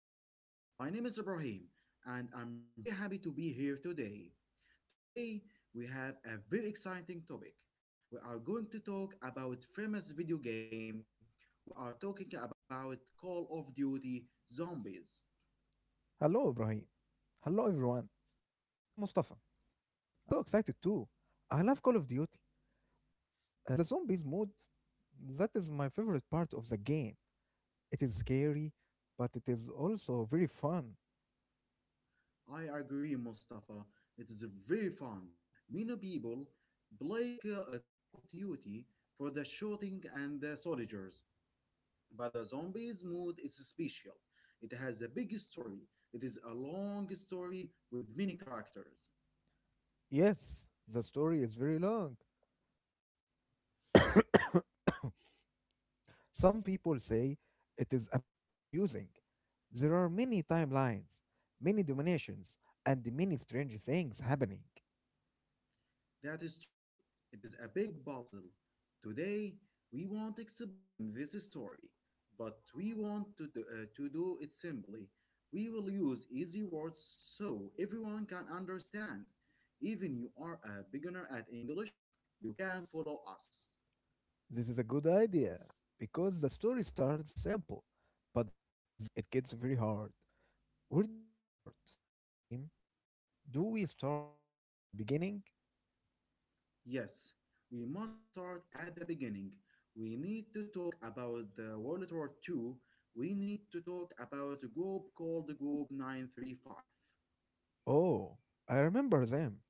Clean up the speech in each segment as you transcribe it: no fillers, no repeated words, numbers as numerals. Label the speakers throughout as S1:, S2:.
S1: podcast. My name is Ibrahim, and I'm very happy to be here today. Today, we have a very exciting topic. We are going to talk about famous video game. We are talking about Call of Duty Zombies.
S2: Hello, Ibrahim. Hello, everyone. I am Mustafa, and I am so excited too. I love Call of Duty, but the zombies mode, that is my favorite part of the game. It is scary, but it is also very fun.
S1: I agree, Mustafa. It is very fun. Many people play Call of Duty for the shooting and the soldiers, but the zombies' mood is special. It has a big story. It is a long story with many characters.
S2: Yes, the story is very long. Some people say it is a bit confusing. There are many timelines, many dominations, and many strange things happening.
S1: That is true. It is a big puzzle. Today, we won't explain this story, but we want to do it simply. We will use easy words so everyone can understand. Even you are a beginner at English, you can follow us.
S2: This is a good idea because the story starts simple, but then it gets very hard. Where do we start, Ibrahim? Do we start at the beginning?
S1: Yes, we must start at the beginning. We need to talk about the World War Two. We need to talk about a group called the Group 935.
S2: Oh, I remember them.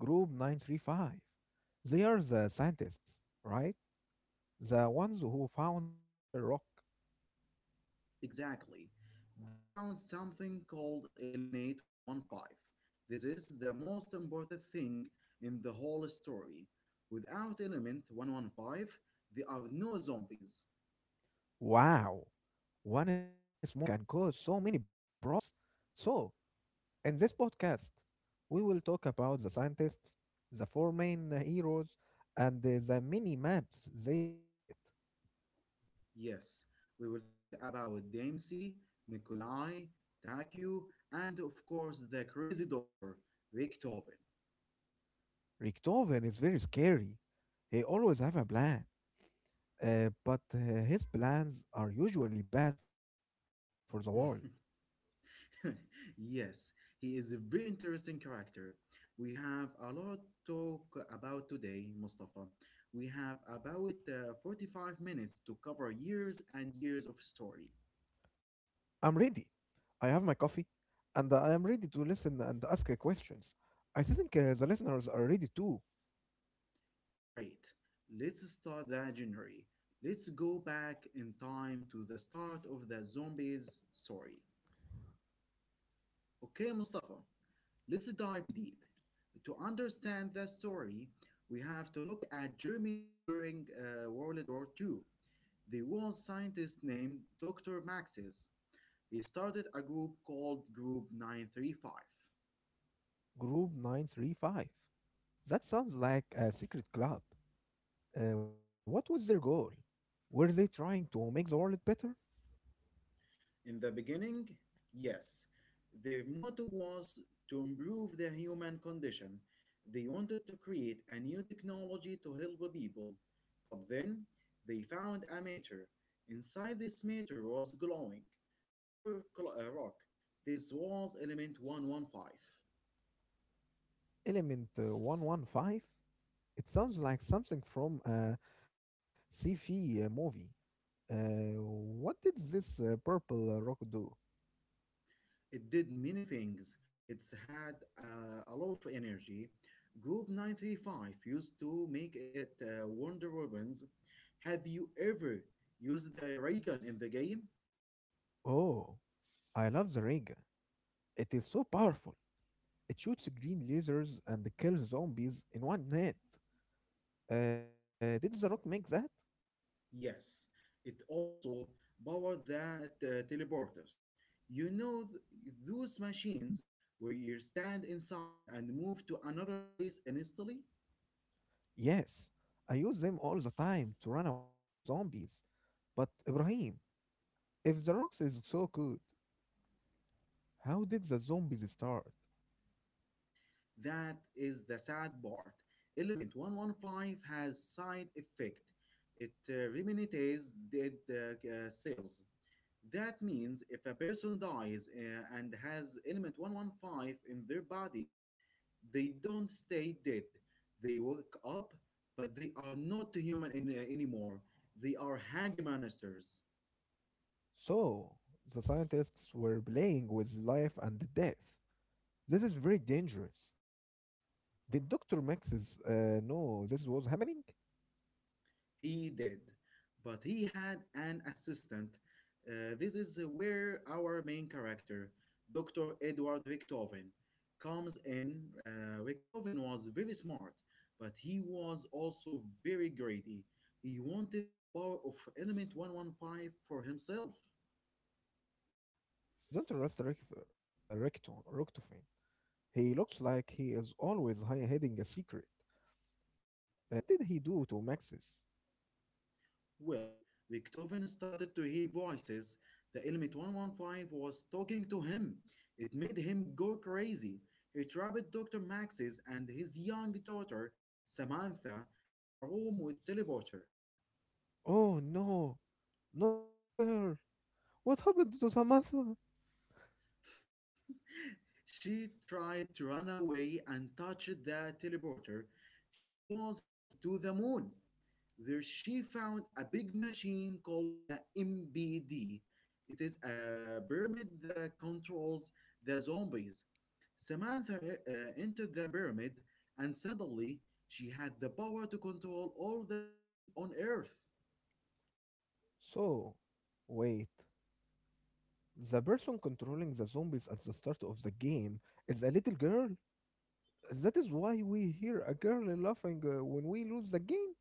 S2: Group 935. They are the scientists, right? The ones who found the special rock.
S1: Exactly. They found something called Eliminate 115. This is the most important thing in the whole story. Without Element 115, there are no zombies.
S2: Wow, one small rock can cause so many problems. So, in this podcast, we will talk about the scientists, the four main heroes, and the mini maps they visit.
S1: Yes, we will talk about Dempsey, Nikolai, Takeo, and of course the crazy doctor, Beethoven.
S2: Richtofen is very scary. He always have a plan, but his plans are usually bad for the world.
S1: Yes, he is a very interesting character. We have a lot to talk about today, Mustafa. We have about 45 minutes to cover years and years of story.
S2: I'm ready. I have my coffee, and I am ready to listen and ask questions. I think the listeners are ready too.
S1: Great. Let's start that journey. Let's go back in time to the start of the zombies story. Okay, Mustafa. Let's dive deep. To understand the story, we have to look at Germany during World War II. There was scientist named Dr. Maxis. He started a group called Group 935.
S2: Group 935. That sounds like a secret club. What was their goal? Were they trying to make the world better?
S1: In the beginning, yes, their motto was to improve the human condition. They wanted to create a new technology to help the people. But then they found a meteor. Inside this meteor was glowing, pure rock. This was element 115.
S2: Element 115? It sounds like something from a sci-fi movie. What did this purple rock do?
S1: It did many things. It's had a lot of energy. Group 935 used to make it Wonder Weapons. Have you ever used the ray gun in the game?
S2: Oh, I love the Rega. It is so powerful. It shoots green lasers and kills zombies in one net. Did the rock make that?
S1: Yes. It also powered the teleporters. You know, those machines where you stand inside and move to another place instantly?
S2: Yes. I use them all the time to run away from the zombies. But Ibrahim, if the rock is so good, how did the zombies start?
S1: That is the sad part. Element 115 has side effect. It remunerates dead cells. That means if a person dies and has element 115 in their body, they don't stay dead. They wake up, but they are not human anymore. They are hangmanisters.
S2: So, the scientists were playing with life and death. This is very dangerous. Did Dr. Max's know this was happening?
S1: He did, but he had an assistant. This is where our main character, Dr. Edward Richtofen, comes in. Richtofen was very smart, but he was also very greedy. He wanted the power of Element 115 for himself.
S2: I don't trust Rectofin. He looks like he is always hiding a secret. What did he do to Max's?
S1: Well, Beethoven started to hear voices. The element 115 was talking to him. It made him go crazy. He trapped Dr. Max's and his young daughter, Samantha, in a room with teleporter.
S2: Oh no, not the little girl. What happened to Samantha?
S1: She tried to run away and touched the teleporter. She was sent to the moon. There she found a big machine called the MBD. It is a pyramid that controls the zombies. Samantha entered the pyramid and suddenly she had the power to control all the zombies on Earth.
S2: So, wait, the person controlling the zombies at the start of the game is a little girl. That is why we hear a girl laughing when we lose the game.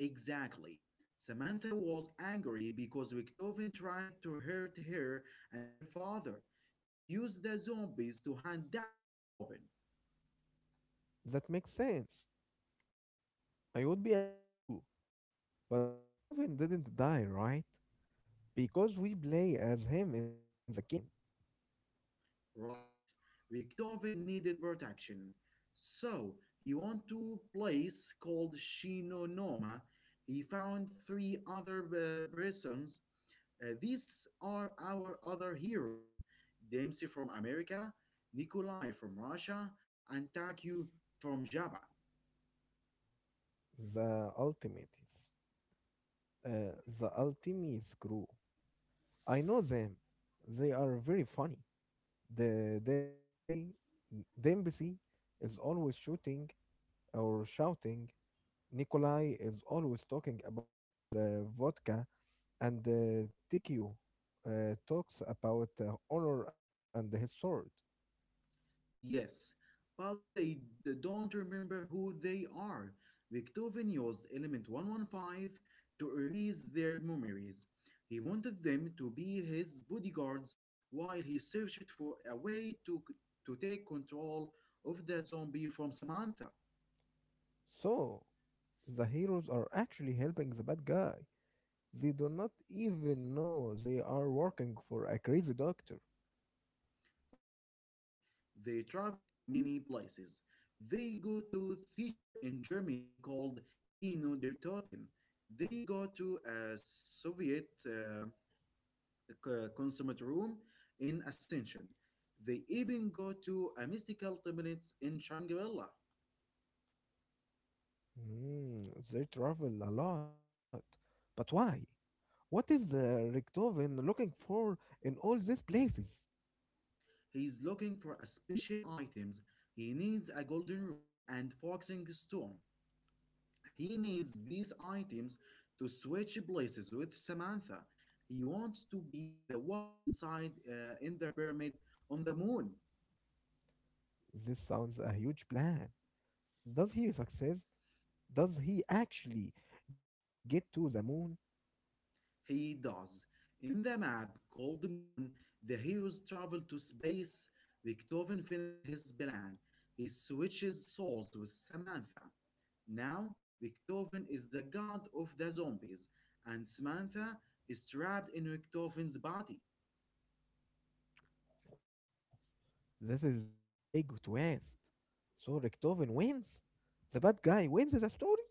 S1: Exactly. Samantha was angry because Victoven tried to hurt her and her father. She used the zombies to hunt down Victoven.
S2: That makes sense. I would be angry too. But Richtofen didn't die, right? Because we play as him in the game.
S1: Right. Victoven needed protection. So he went to a place called Shinonoma. He found three other persons. These are our other heroes. Dempsey from America, Nikolai from Russia, and Takyu from Java.
S2: The Ultimates. Uh, the Ultimates crew. I know them. They are very funny. The Dembcy, Dembcy is always shooting or shouting. Nikolai is always talking about his vodka, and Tikio talks about honor and his sword.
S1: Yes, but they don't remember who they are. Beethoven used element 115 to erase their memories. He wanted them to be his bodyguards while he searched for a way to take control of the zombie from Samantha.
S2: So, the heroes are actually helping the bad guy. They do not even know they are working for a crazy doctor.
S1: Exactly. They traveled to many places. They go to theater in Germany called Kino der Toten. They go to a Soviet consummate room in Ascension. They even go to a mystical temple in Shangri-La.
S2: Hmm, they travel a lot. But why? What is Richtofen looking for in all these places?
S1: He is looking for a special items. He needs a golden root and foxing stone. He needs these items to switch places with Samantha. He wants to be the one inside in the pyramid on the moon.
S2: This sounds a huge plan. Does he succeed? Does he actually get to the moon?
S1: He does. In the map called Moon, the heroes travel to space. Beethoven finishes his plan. He switches souls with Samantha. Now, Beethoven is the god of the zombies, and Samantha is trapped in Beethoven's body.
S2: Wow, this is a big twist. So Richtofen wins? The bad guy wins the story?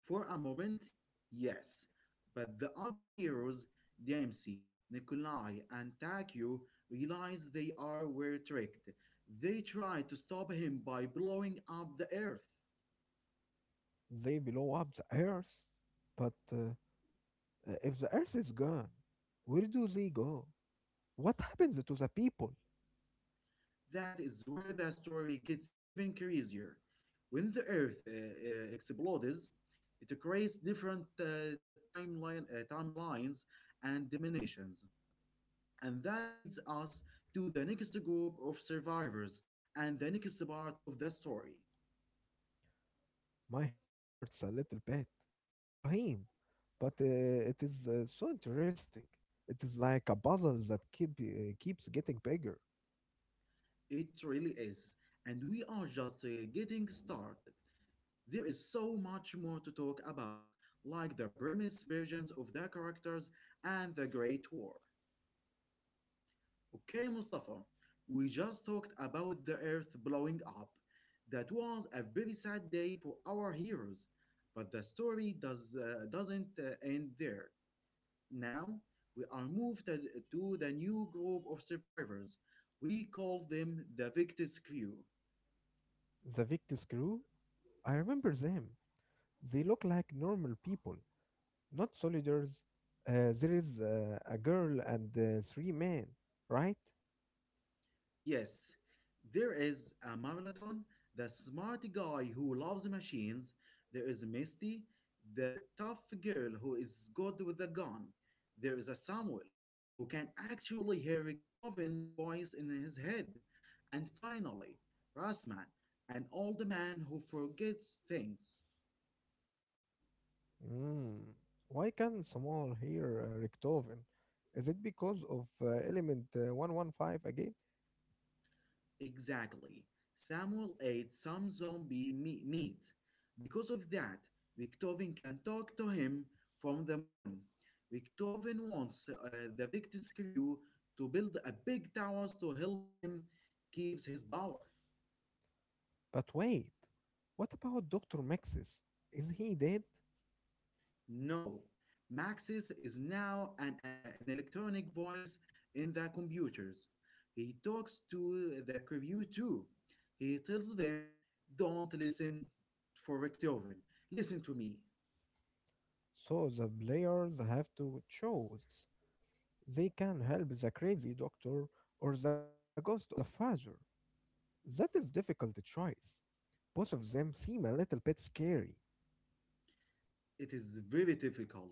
S1: For a moment, yes, but the other heroes, Dempsey, Nikolai, and Takio, realize they are were tricked. They try to stop him by blowing up the earth.
S2: They blow up the Earth. But if the Earth is gone, where do they go? What happens to the people?
S1: That is where the story gets even crazier. When the Earth explodes, it creates different timelines and dimensions. And that leads us to the next group of survivors and the next part of the story.
S2: My head hurts a little bit. Ibrahim, but it is so interesting. It is like a puzzle that keeps getting bigger.
S1: It really is. And we are just getting started. There is so much more to talk about, like the premise versions of the characters and the Great War. Okay, Mustafa, we just talked about the earth blowing up. That was a very sad day for our heroes, but the story doesn't end there. Now, we are moved to the new group of survivors. We call them the Victus Crew.
S2: The Victus crew. I remember them. They look like normal people, not soldiers. There is a girl and three men, right?
S1: Yes, there is a Marathon, the smart guy who loves machines. There is Misty, the tough girl who is good with a gun. There is a Samuel, who can actually hear Richtoven's voice in his head. And finally, Rasman, an old man who forgets things.
S2: Mm. Why can Samuel hear Richtofen? Is it because of element 115 again?
S1: Exactly. Samuel ate some zombie meat. Because of that, Victovin can talk to him from the moon. Victovin wants the Victus crew to build a big tower to help him keep his power.
S2: But wait, what about Dr. Maxis? Is he dead?
S1: No, Maxis is now an electronic voice in the computers. He talks to the crew too. He tells them, don't listen for Victovin. Listen to me.
S2: So the players have to choose. They can help the crazy doctor or the ghost of the father. That is difficult choice. Both of them seem a little bit scary.
S1: It is very difficult.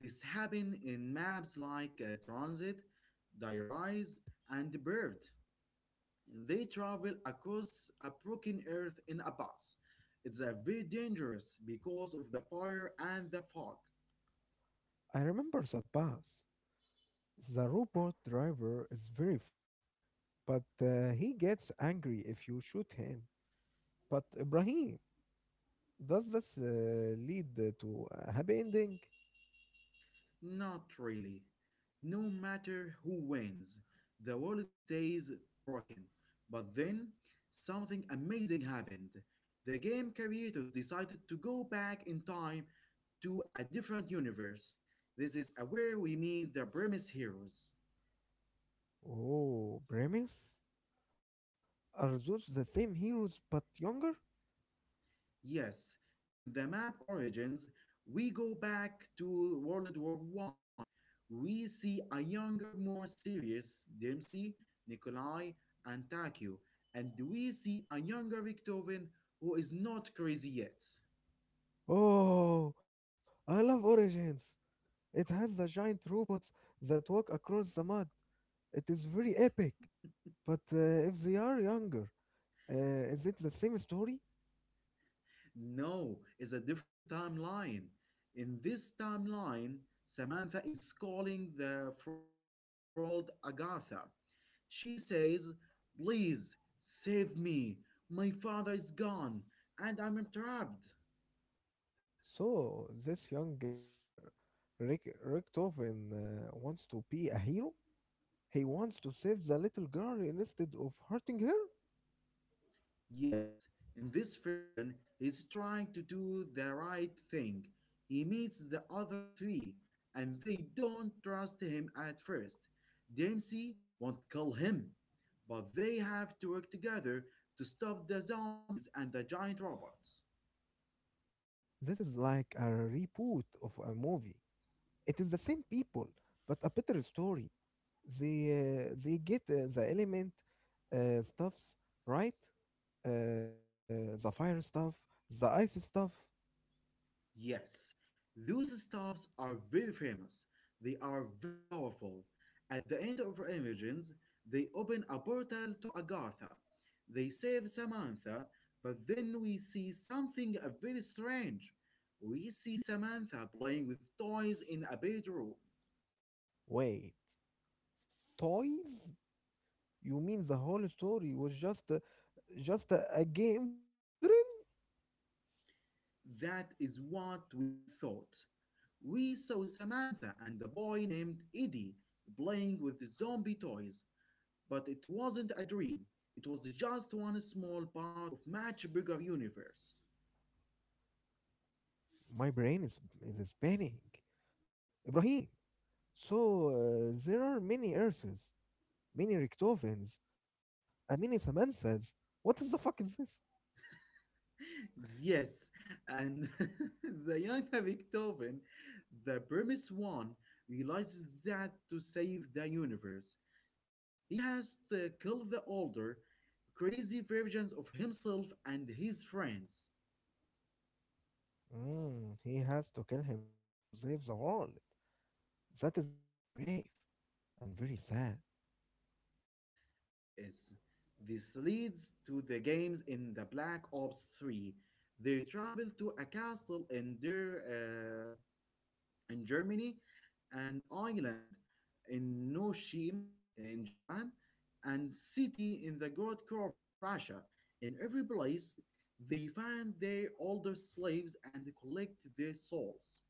S1: This happen in maps like Transit, Diarise, and Bird. They travel across a broken earth in a bus. It's a very dangerous because of the fire and the fog.
S2: I remember the bus. The robot driver is very funny, but he gets angry if you shoot him. But Ibrahim, does this lead to a happy ending?
S1: Not really. No matter who wins, the world stays broken. But then, something amazing happened. The game creators decided to go back in time to a different universe. This is where we meet the premise heroes.
S2: Oh, premise? Are those the same heroes but younger?
S1: Yes, in the map origins, we go back to World War One. We see a younger, more serious Dempsey, Nikolai, and Takio, and we see a younger Victorian who is not crazy yet.
S2: Oh, I love Origins. It has the giant robots that walk across the mud. It is very epic. But if they are younger, is it the same story?
S1: No, it's a different timeline. In this timeline, Samantha is calling from a place called Agartha. She says, please save me. My father is gone and I'm trapped.
S2: So this young Rick Richtofen wants to be a hero. He wants to save the little girl instead of hurting her.
S1: Yes, in this version, he's trying to do the right thing. He meets the other three, and they don't trust him at first. Dempsey won't kill him, but they have to work together to stop the zombies and the giant robots.
S2: This is like a reboot of a movie. It is the same people, but a better story. They get the element stuffs right, uh, the fire stuff, the ice stuff.
S1: Yes, those staffs are very famous. They are very powerful. At the end of Origins, they open a portal to Agartha. They save Samantha, but then we see something very strange. We see Samantha playing with toys in a bedroom.
S2: Wait, toys? You mean the whole story was just a game for children?
S1: That is what we thought. We saw Samantha and a boy named Eddie playing with zombie toys. But it wasn't a dream. It was just one small part of much bigger universe.
S2: My brain is spinning. Ibrahim. So there are many Earths, many Richtovens, and many Samanthas. What is the fuck is this?
S1: Yes, and the young Beethoven, the premise one, realizes that to save the universe, he has to kill the older, crazy versions of himself and his friends.
S2: Mm, he has to kill himself to save the world. That is very brave and very sad.
S1: It is. This leads to the games in the Black Ops 3. They travel to a castle in Germany, and island in Noshima in Japan, and city in the Gold Curve in Russia. In every place, they find their older slaves and collect their souls.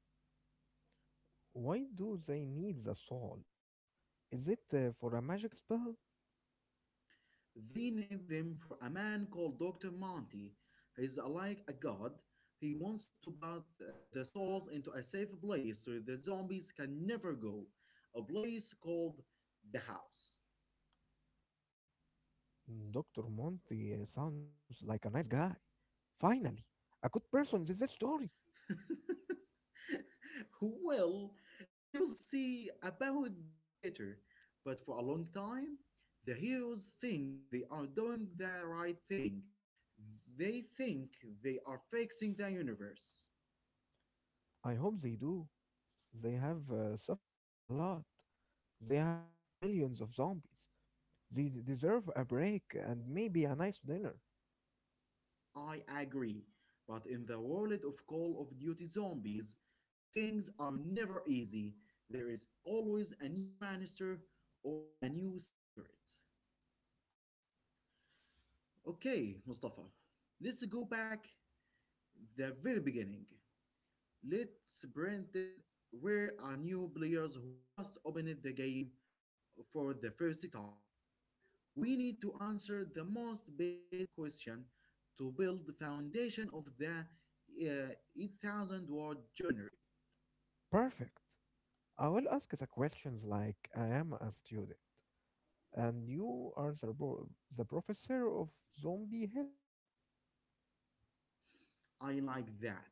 S2: Why do they need the souls? Is it for a magic spell?
S1: They need them for a man called Dr. Monty. He's like a god. He wants to put the souls into a safe place so the zombies can never go, a place called the house.
S2: Mm, Dr. Monty sounds like a nice guy. Finally, a good person in this story.
S1: Well, we will see about that later. But for a long time, the heroes think they are doing the right thing. They think they are fixing the universe.
S2: I hope they do. They have suffered a lot. They have fought millions of zombies. They deserve a break and maybe a nice dinner.
S1: I agree. But in the world of Call of Duty zombies, things are never easy. There is always a new monster or a new secret. Okay, Mustafa, let's go back the very beginning. Let's pretend we're our new players who just opened the game for the first time. We need to answer the most basic question to build the foundation of the 8,000 word journey.
S2: Perfect. I will ask the questions like I am a student, and you are the, the professor of zombie history.
S1: I like that.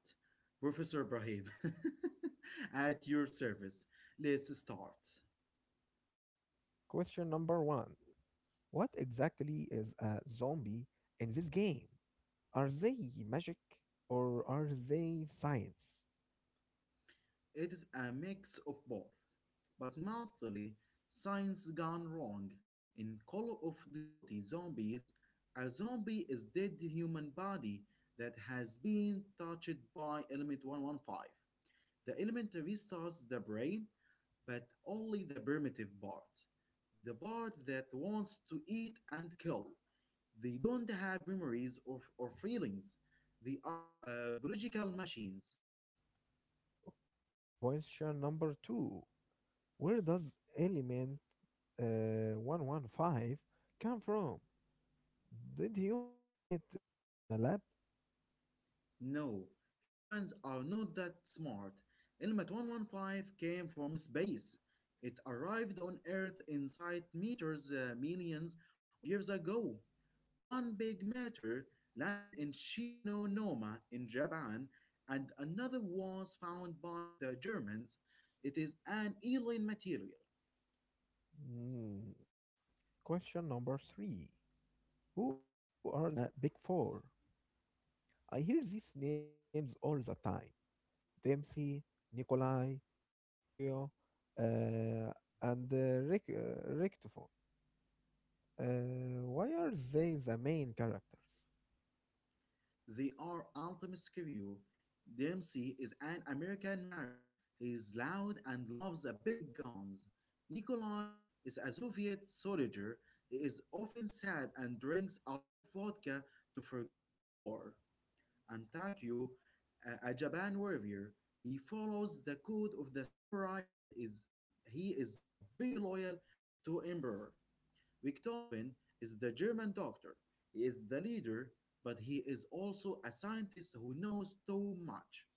S1: Professor Brahim, at your service. Let's start.
S2: Question number one. What exactly is a zombie in this game? Are they magic or are they science?
S1: It's a mix of both, but mostly science gone wrong. In Call of Duty Zombies, a zombie is dead human body that has been touched by element 115. The element restores the brain, but only the primitive part, the part that wants to eat and kill. They don't have memories or feelings. They are biological machines.
S2: Okay, question number two. Where does element 115 come from? Did humans make it in a lab?
S1: No, humans are not that smart. Element 115 came from space. It arrived on Earth inside meters millions of years ago. One big meteor landed in Shinonoma in Japan, and another was found by the Germans. It is an alien material.
S2: Hmm. Question number three. Who are the big four? I hear these names all the time. Dempsey, Nikolai, Tokyo, uh, and Richtofen. Why are they the main characters?
S1: They are alchemists crew. Dempsey is an American Marine. He is loud and loves the big guns. Nikolai is a Soviet soldier. He is often sad and drinks a lot of vodka to forget the war. And Takio, a Japan warrior, he follows the code of the samurai and is very loyal to Emperor. Beethoven is the German doctor. He is the leader, but he is also a scientist who knows too much.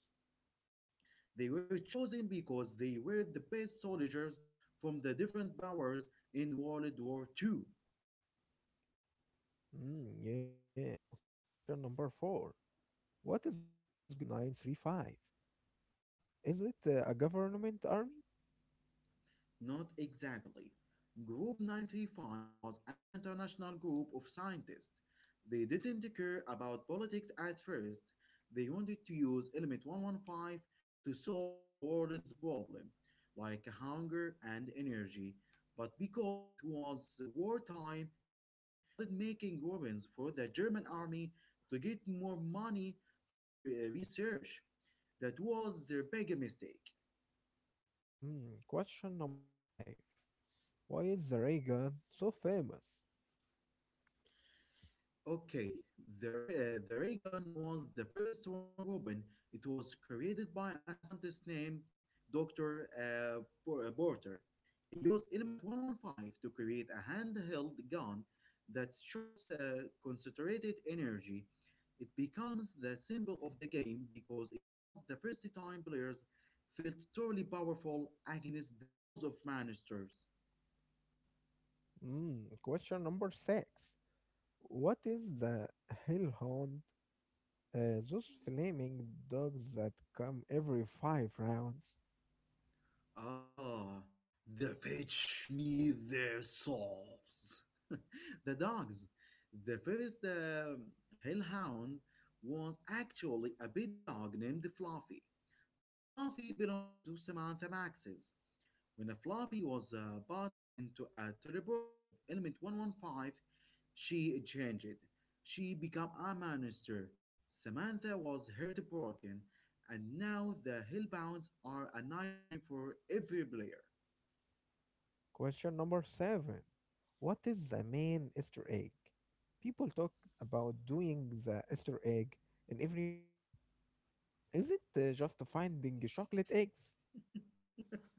S1: They were chosen because they were the best soldiers from the different powers in World War Two.
S2: Mm, yeah. Okay, question number four. What is Group 935? Is it a government army?
S1: Not exactly. Group 935 was an international group of scientists. They didn't care about politics at first. They wanted to use element 115 to solve the world's problem, like hunger and energy. But because it was wartime, they started making weapons for the German army to get more money for their research. That was their big mistake.
S2: Mm, question number five. Why is the ray gun so famous?
S1: Okay, the ray gun was the first Wonder Weapon. It was created by a scientist named Dr. Porter. He used Element 115 to create a handheld gun that shoots concentrated energy. It becomes the symbol of the game because it was the first time players felt truly powerful against the walls of monsters.
S2: Mm, question number six. What is the hellhound? Those flaming dogs that come every five rounds.
S1: Ah, they fetch me their souls. The dogs. The first hellhound was actually a big dog named Fluffy. Fluffy belonged to Samantha Max's. When Fluffy was bought into a teleporter with element 115, she changed. She became a monster. Samantha was heartbroken, and now the Hellbounds are a nightmare for every player.
S2: Question number seven. What is the main Easter egg? People talk about doing the Easter egg in every map. Is it just finding chocolate eggs?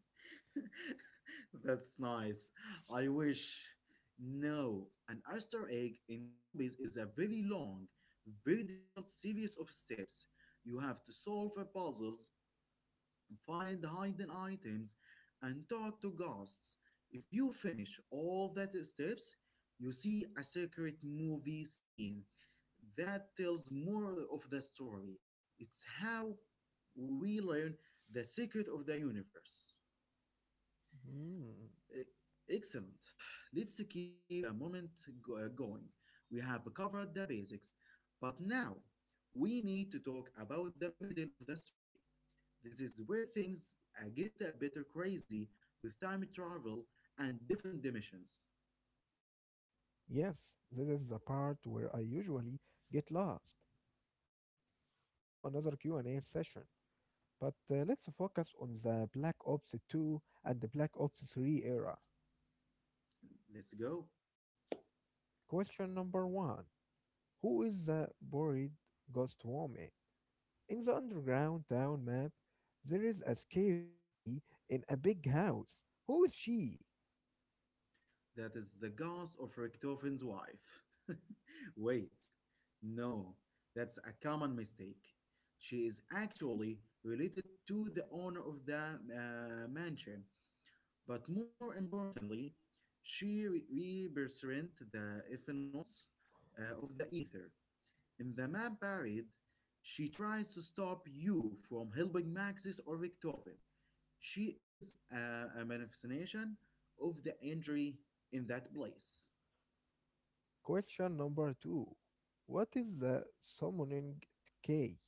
S1: That's nice. I wish. No, an Easter egg in zombies is a very long, very difficult series of steps. You have to solve puzzles find hidden items, and talk to ghosts. If you finish all that steps, you see a secret movie scene that tells more of the story. It's how we learn the secret of the universe.
S2: Hmm.
S1: E- Excellent. Let's keep the moment going. We have covered the basics, but now we need to talk about the middle of the story. This is where things get a bit crazy with time travel and different dimensions.
S2: Yes, this is the part where I usually get lost. So, let's do another Q&A session, but let's focus on the Black Ops 2 and the Black Ops 3 era.
S1: Let's go.
S2: Question number 1. Who is the buried ghost woman? In the underground town map, there is a scary lady in a big house. Who is she?
S1: That is the ghost of Richtofen's wife. Wait, no, that's a common mistake. She is actually related to the owner of the mansion, but more importantly, represents the influence of the ether. In The Man Buried, she tries to stop you from helping Maxis or Richtofen. She is a manifestation of the injury in that place.
S2: Question number two. What is the summoning decay?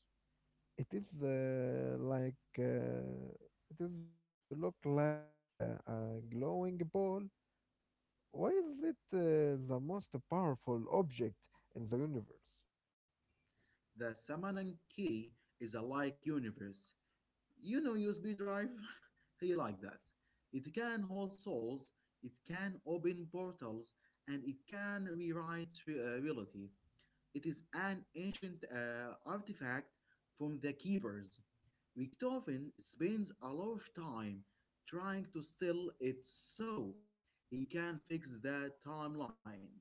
S2: It is uh, like uh, it is just to look like a glowing ball. Why is it the most powerful object in the universe?
S1: The summoning key is a like universe. You know USB drive? He like that. It can hold souls, it can open portals, and it can reality. It is an ancient artifact from the Keepers. Beethoven spends a lot of time trying to steal it so he can fix the timelines.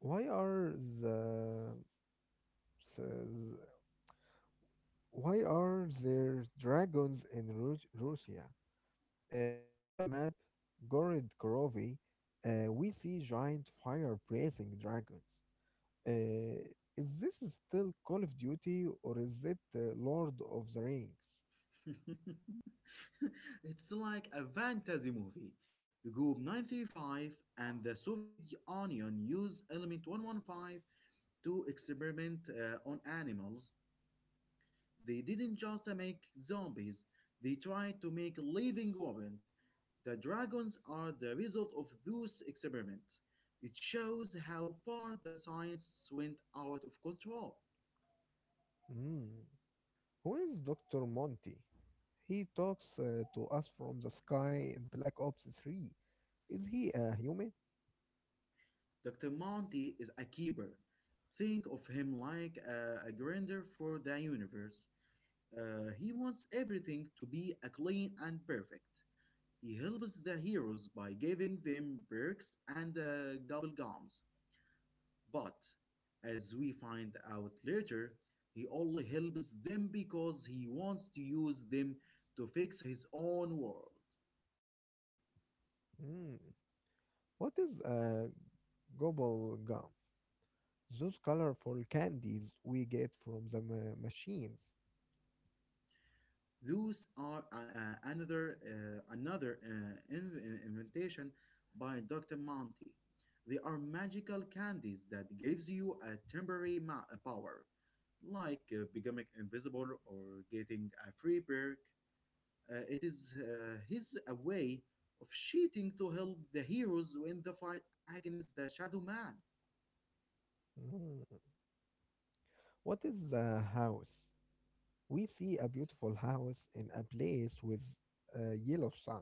S2: Why are the s- why are there dragons in Russia? In the map, Gorid Korovi, we see giant fire breathing dragons. Uh, is this still Call of Duty or is it Lord of the Rings?
S1: It's like a fantasy movie. Group 935 and the Soviet Union used element 115 to experiment on animals. They didn't just make zombies, they tried to make living weapons. The dragons are the result of those experiments. It shows how far the science went out of control.
S2: Mm. Who is Dr. Monty? He talks to us from the sky in Black Ops 3. Is he a human?
S1: Dr. Monty is a keeper. Think of him like a grinder for the universe. He wants everything to be a clean and perfect. He helps the heroes by giving them perks and gobble gums. But, as we find out later, he only helps them because he wants to use them to fix his own world.
S2: Mm. What is a gobble gum? Those colorful candies we get from the machines.
S1: Those are another invention by Dr. Monty. They are magical candies that gives you a temporary power, like becoming invisible or getting a free perk. It is his a way of cheating to help the heroes win the fight against the Shadow Man.
S2: Mm. What is a house? We see a beautiful house in a place with a yellow sun.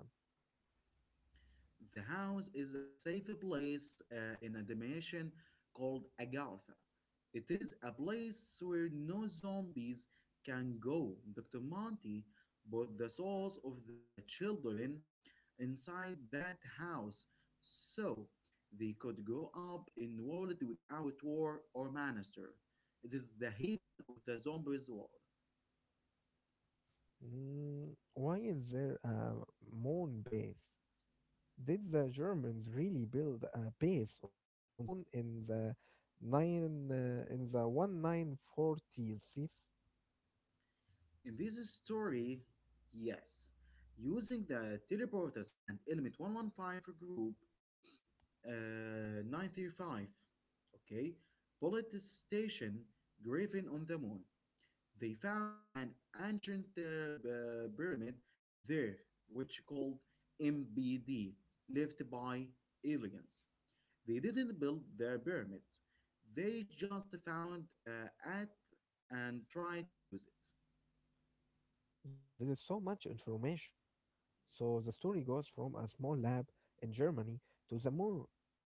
S1: The house is a safe place in a dimension called Agatha. It is a place where no zombies can go. Dr. Monty put the souls of the children inside that house so they could grow up in world without war or monster. It is the haven of the zombies world.
S2: Mm, why is there a moon base? Did the Germans really build a base on the moon in the 1940s?
S1: In this story, yes, using the teleporters and element 115 group uh, 95, okay, bullet station Graven on the moon. They found an ancient pyramid there, which called MBD, left by aliens. They didn't build their pyramids; they just found it and tried to use it.
S2: There is so much information. So the story goes from a small lab in Germany to the moon,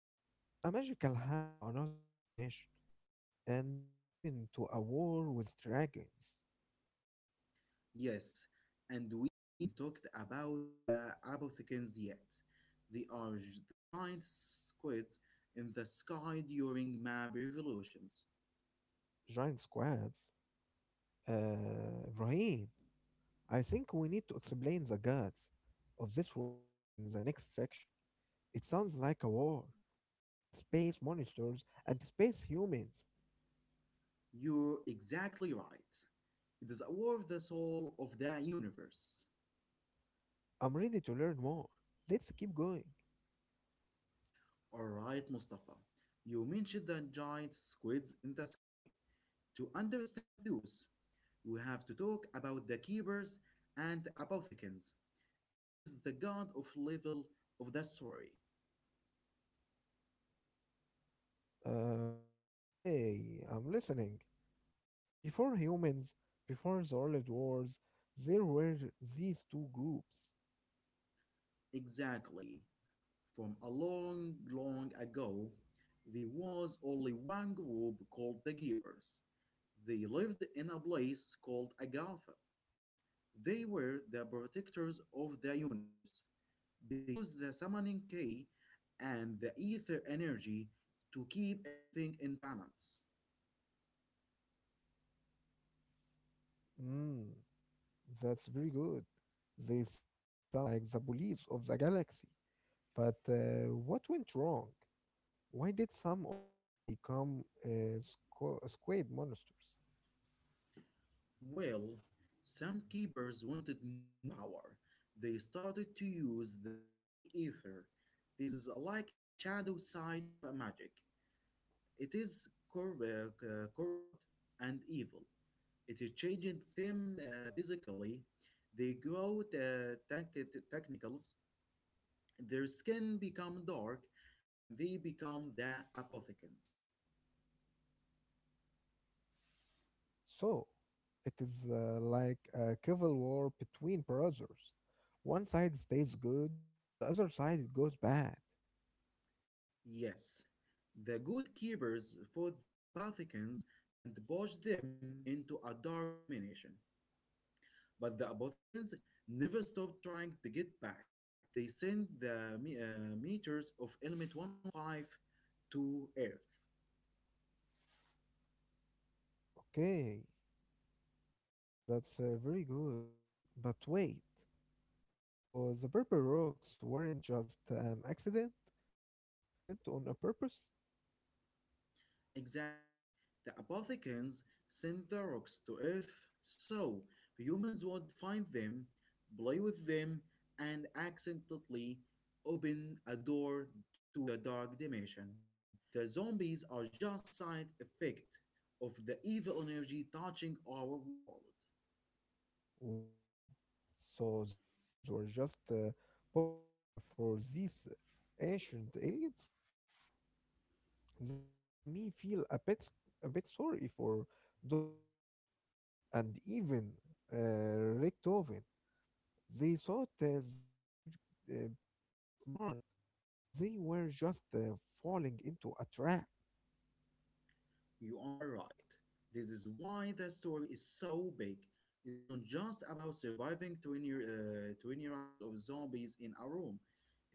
S2: to a magical house in another domination, and even to a war with dragons,
S1: Yes, and we haven't talked about the apothecans yet. They are the giant squids in the sky during map revolutions.
S2: giant squads. Uh, Ibrahim. I think we need to explain the gods of this world in the next section. It sounds like a war between space monsters and space humans.
S1: You're exactly right. It is a war of the soul of the universe.
S2: I'm ready to learn more. Let's keep going.
S1: Alright, Mustafa. You mentioned the giant squids in the sky. To understand those, we have to talk about the keepers and apothecans. This is the god of level of the story.
S2: Okay, I'm listening. So, before humans, before the World Wars, there were these two groups.
S1: Exactly. From a long, long ago, there was only one group called the Givers. They lived in a place called Agartha. They were the protectors of the universe. They used the summoning key and the ether energy to keep everything in balance.
S2: Mm, that's very good. They sound like the police of the galaxy. But what went wrong? Why did some of them become squid monsters?
S1: Well, some keepers wanted more power. They started to use the dark ether. This is like a shadow side of a magic. It is corrupt and evil. It is changing them physically. They grow the technicals. Their skin become dark, and they become the apothecans.
S2: So, it is like a civil war between brothers. One side stays good, the other side goes bad.
S1: Yes, the good keepers fought the Apothecans and pushed them into a dark dimension. But the Apothecans never stopped trying to get back. They sent the meters of element 115 to Earth.
S2: Okay, that's very good. But wait, so the purple rocks weren't just an accident? They were sent on a purpose?
S1: Exactly. The Apothecans sent the rocks to Earth so humans would find them, play with them, and accidentally open a door to the dark dimension. The zombies are just side effect of the evil energy touching our world.
S2: Wow. So the humans were just puppets for these ancient aliens? That makes me feel a bit sorry for Dr. Mixes and even uh, Richtofen. They thought that they were being smart, but they were just falling into a trap.
S1: You are right. This is why the story is so big. It's not just about surviving 20 rounds of zombies in a room,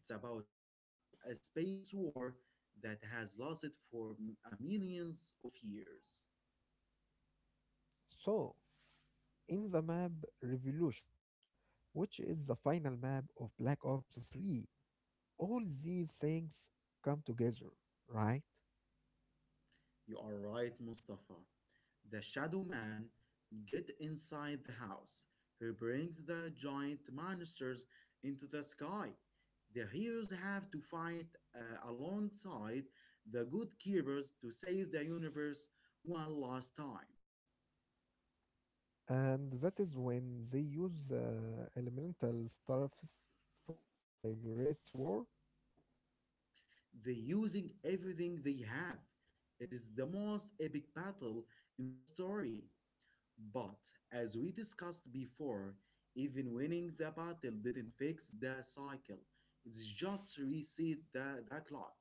S1: it's about stopping a space war that has lasted for millions of years.
S2: So, in the map Revolutions, which is the final map of Black Ops 3, all these things come together, right?
S1: You are right, Mustafa. The shadow man get inside the house. He brings the giant monsters into the sky. The heroes have to fight alongside the good keepers to save the universe one last time.
S2: And that is when they use the elemental stuffs from the Great War.
S1: They're using everything they have. It is the most epic battle in the story. But, as we discussed before, even winning the battle didn't fix the cycle. It's just reset the clock.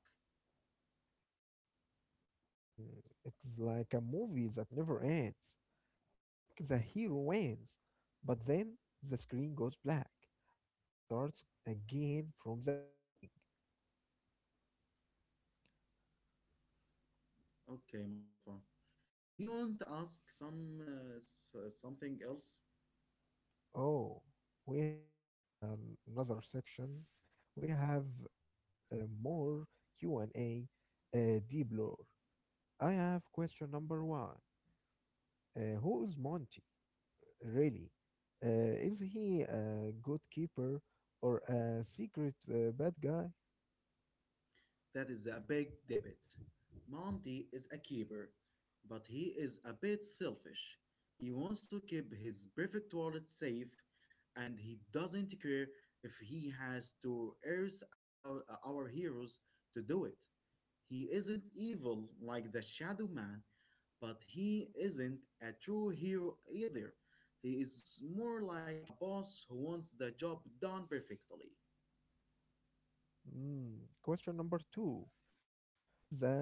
S2: Mm, it's like a movie that never ends. You think the hero wins, but then the screen goes black and it starts again from the beginning.
S1: Okay, Mustafa. Do you want to ask some something else?
S2: Oh, we have another section. We have more Q and A, deep lore. I have question number one. Who is Monty? Really, is he a good keeper or a secret bad guy?
S1: That is a big debit. Monty is a keeper, but he is a bit selfish. He wants to keep his perfect wallet safe, and he doesn't care if he has to earth about our heroes to do it. He isn't evil like the Shadow Man, but he isn't a true hero either. He is more like a boss who wants the job done perfectly.
S2: Mm. Question number two. What is the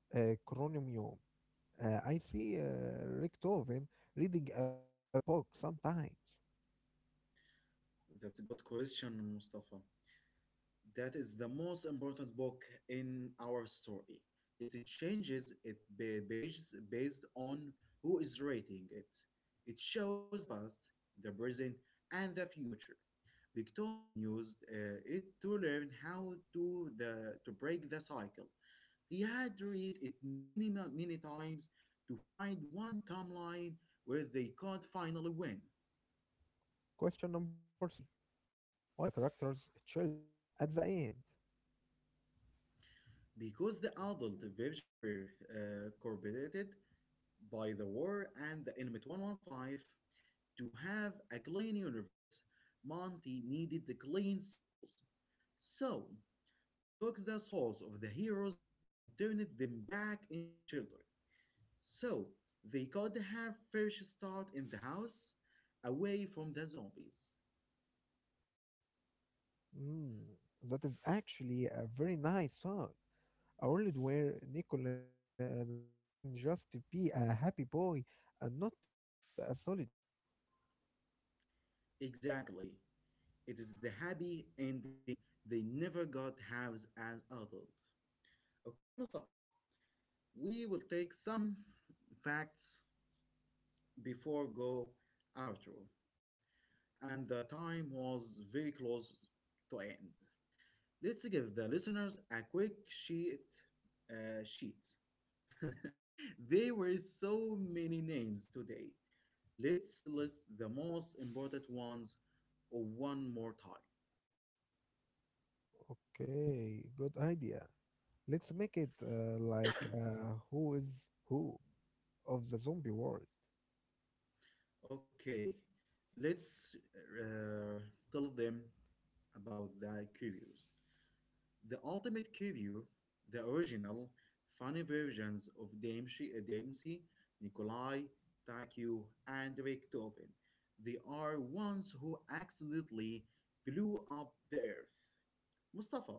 S2: uh, chronomium? I see Richthofen reading a big book sometimes.
S1: That's a good question, Mustafa. That is the most important book in our story. It changes it based on who is rating it. It shows the past, the present, and the future. Beethoven used it to learn how to break the cycle. He had to read it many times to find one timeline where they could finally win.
S2: Question number three. Why are the characters children at the end?
S1: Because the adult version were corrupted, by the war and the Element 115. To have a clean universe, Monty needed the clean souls. So, he took the souls of the heroes and turned them back into children. So, they could have fresh start in the house, away from the zombies.
S2: Mm, that is actually a very nice thought. A world where Nikolai uh, can just be a happy boy and not a sad soldier.
S1: Exactly. It is the happy ending they never got halves as adult. Okay, Mustafa, we will take some facts before go outro, and the time was very close to end. Let's give the listeners a quick sheet. There were so many names today. Let's list the most important ones one more time.
S2: Okay, good idea. Let's make it like who is who of the zombie world.
S1: Okay, let's uh, tell them about the curios. The Ultimate Kiryu, the original, funny versions of Dempsey Nikolai, Takeo, and Richtofen. They are ones who accidentally blew up the Earth. Mustafa,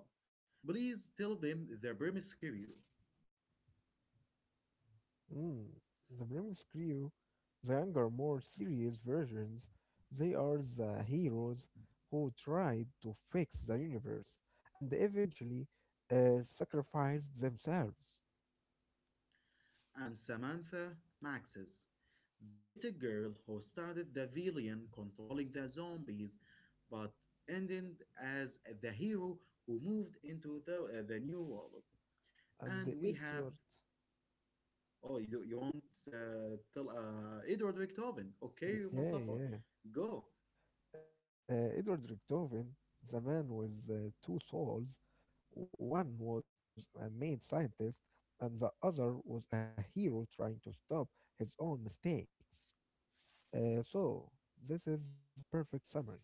S1: please tell them the premise Kiryu
S2: Mm, the premise crew. The younger, more serious versions, they are the heroes who tried to fix the universe and eventually sacrificed themselves.
S1: and Samantha Maxes, the little girl who started the villain controlling the zombies but ended as the hero who moved into the new world.
S2: And
S1: And we have
S2: Edward,
S1: oh you want tell Edward Beethoven okay
S2: yeah,
S1: Mustafa
S2: yeah,
S1: go
S2: Edward Richtofen, the man with two souls, one was a mad scientist and the other was a hero trying to stop his own mistakes. So, this is a perfect summary.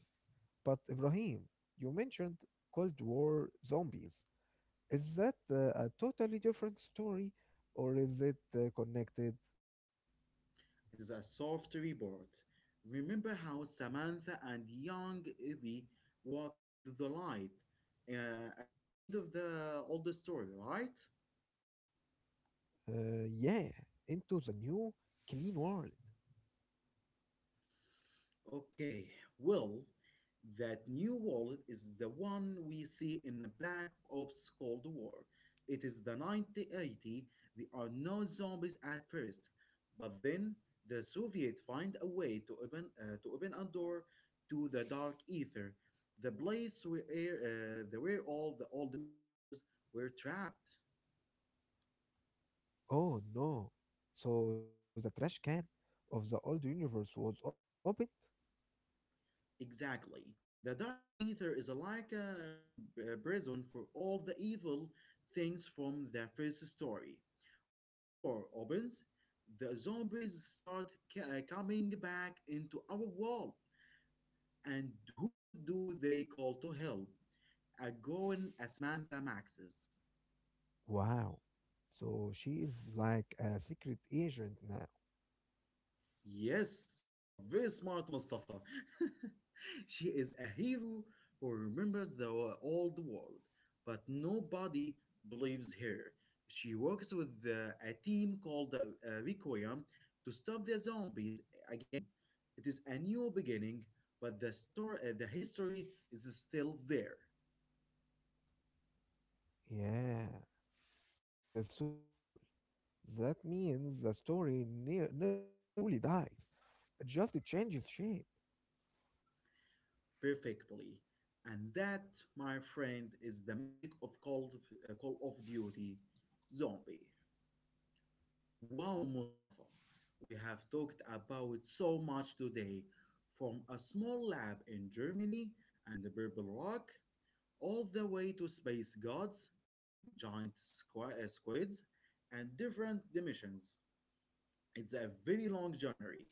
S2: But Ibrahim, you mentioned Cold War zombies. Is that a totally different story or is it connected?
S1: it is a soft report remember how Samantha and young Eddie walked into the light at the end of the old story right.
S2: Yeah, into the new clean world.
S1: Okay, well, that new wallet is the one we see in the Black Ops Cold War. It is the 1980. There are no zombies at first, but then the Soviets find a way to open a door to the dark ether, the place where where all the old monsters were trapped.
S2: Oh no. So the trash can of the old universe was opened?
S1: Exactly. The dark ether is like a prison for all the evil things from the first story. When the door opens, the zombies start coming back into our world. And who do they call to help? A going asmantha Maxes.
S2: Wow. So she is like a secret agent now.
S1: Yes, you are very smart, Mustafa. She is a hero who remembers the old world, but nobody believes her. She works with a team called Requiem to stop the zombies again. It is a new beginning, but the story, the history is still there
S2: Yeah, that is so cool. That means the story never truly dies, it just changes shape.
S1: perfectly. And that, my friend, is the magic of Call of Duty Zombie. Wow, Mustafa, we have talked about so much today, from a small lab in Germany and the Purple Rock, all the way to space gods, giant squids, and different dimensions. It's a very long journey.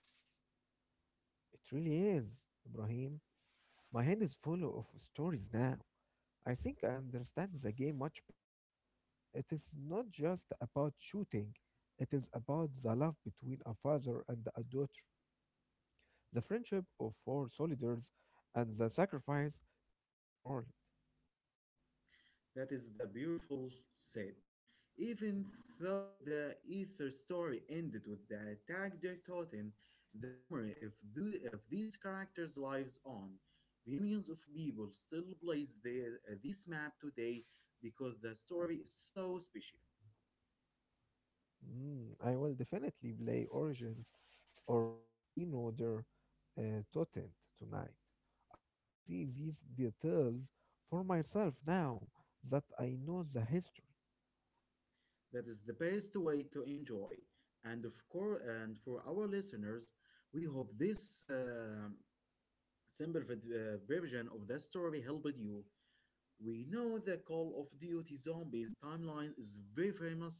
S2: It really is, Ibrahim. My hand is full of stories now. I think I understand the game much better. It is not just about shooting, it is about the love between a father and a daughter, the friendship of four soldiers, and the sacrifice to save the world.
S1: That is the beautiful said. Even though the Ether story ended with the attack they taught in, the memory of these characters lives on. Millions of people still plays this map today because the story is so special.
S2: Mm, I will definitely play Origins or Keynoder Totent tonight. I want to see these details for myself now that I know the history.
S1: That is the best way to enjoy. And of course, and for our listeners, we hope this simple version of the story helped you. We know the Call of Duty Zombies timeline is very famous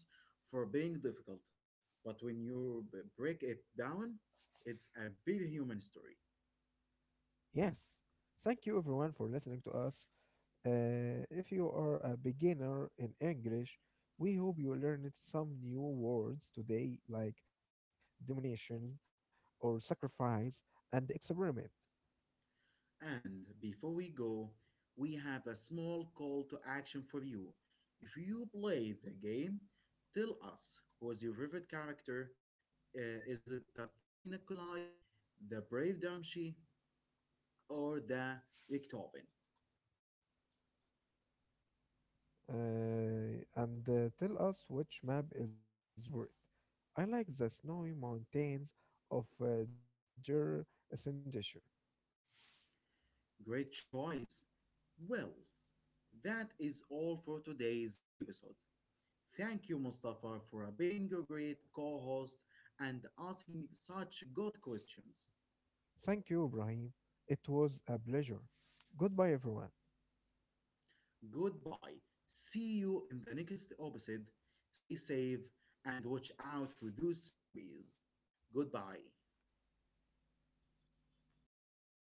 S1: for being difficult, but when you break it down, it's a very human story.
S2: Yes. Thank you everyone for listening to us. If you are a beginner in English, we hope you learned some new words today like domination or sacrifice and experiment.
S1: And before we go, we have a small call to action for you. If you play the game, tell us who is your favorite character. Is it the funny Nikolai, the brave Damshi, or the Viktoven?
S2: And tell us which map is your favorite. I like the snowy mountains of Jir Sindhishir.
S1: Great choice. Well, that is all for today's episode. Thank you, Mustafa, for being a great co host and asking such good questions.
S2: Thank you, Ibrahim. It was a pleasure. Goodbye, everyone.
S1: Goodbye. See you in the next episode. Stay safe and watch out for those zombies. Goodbye.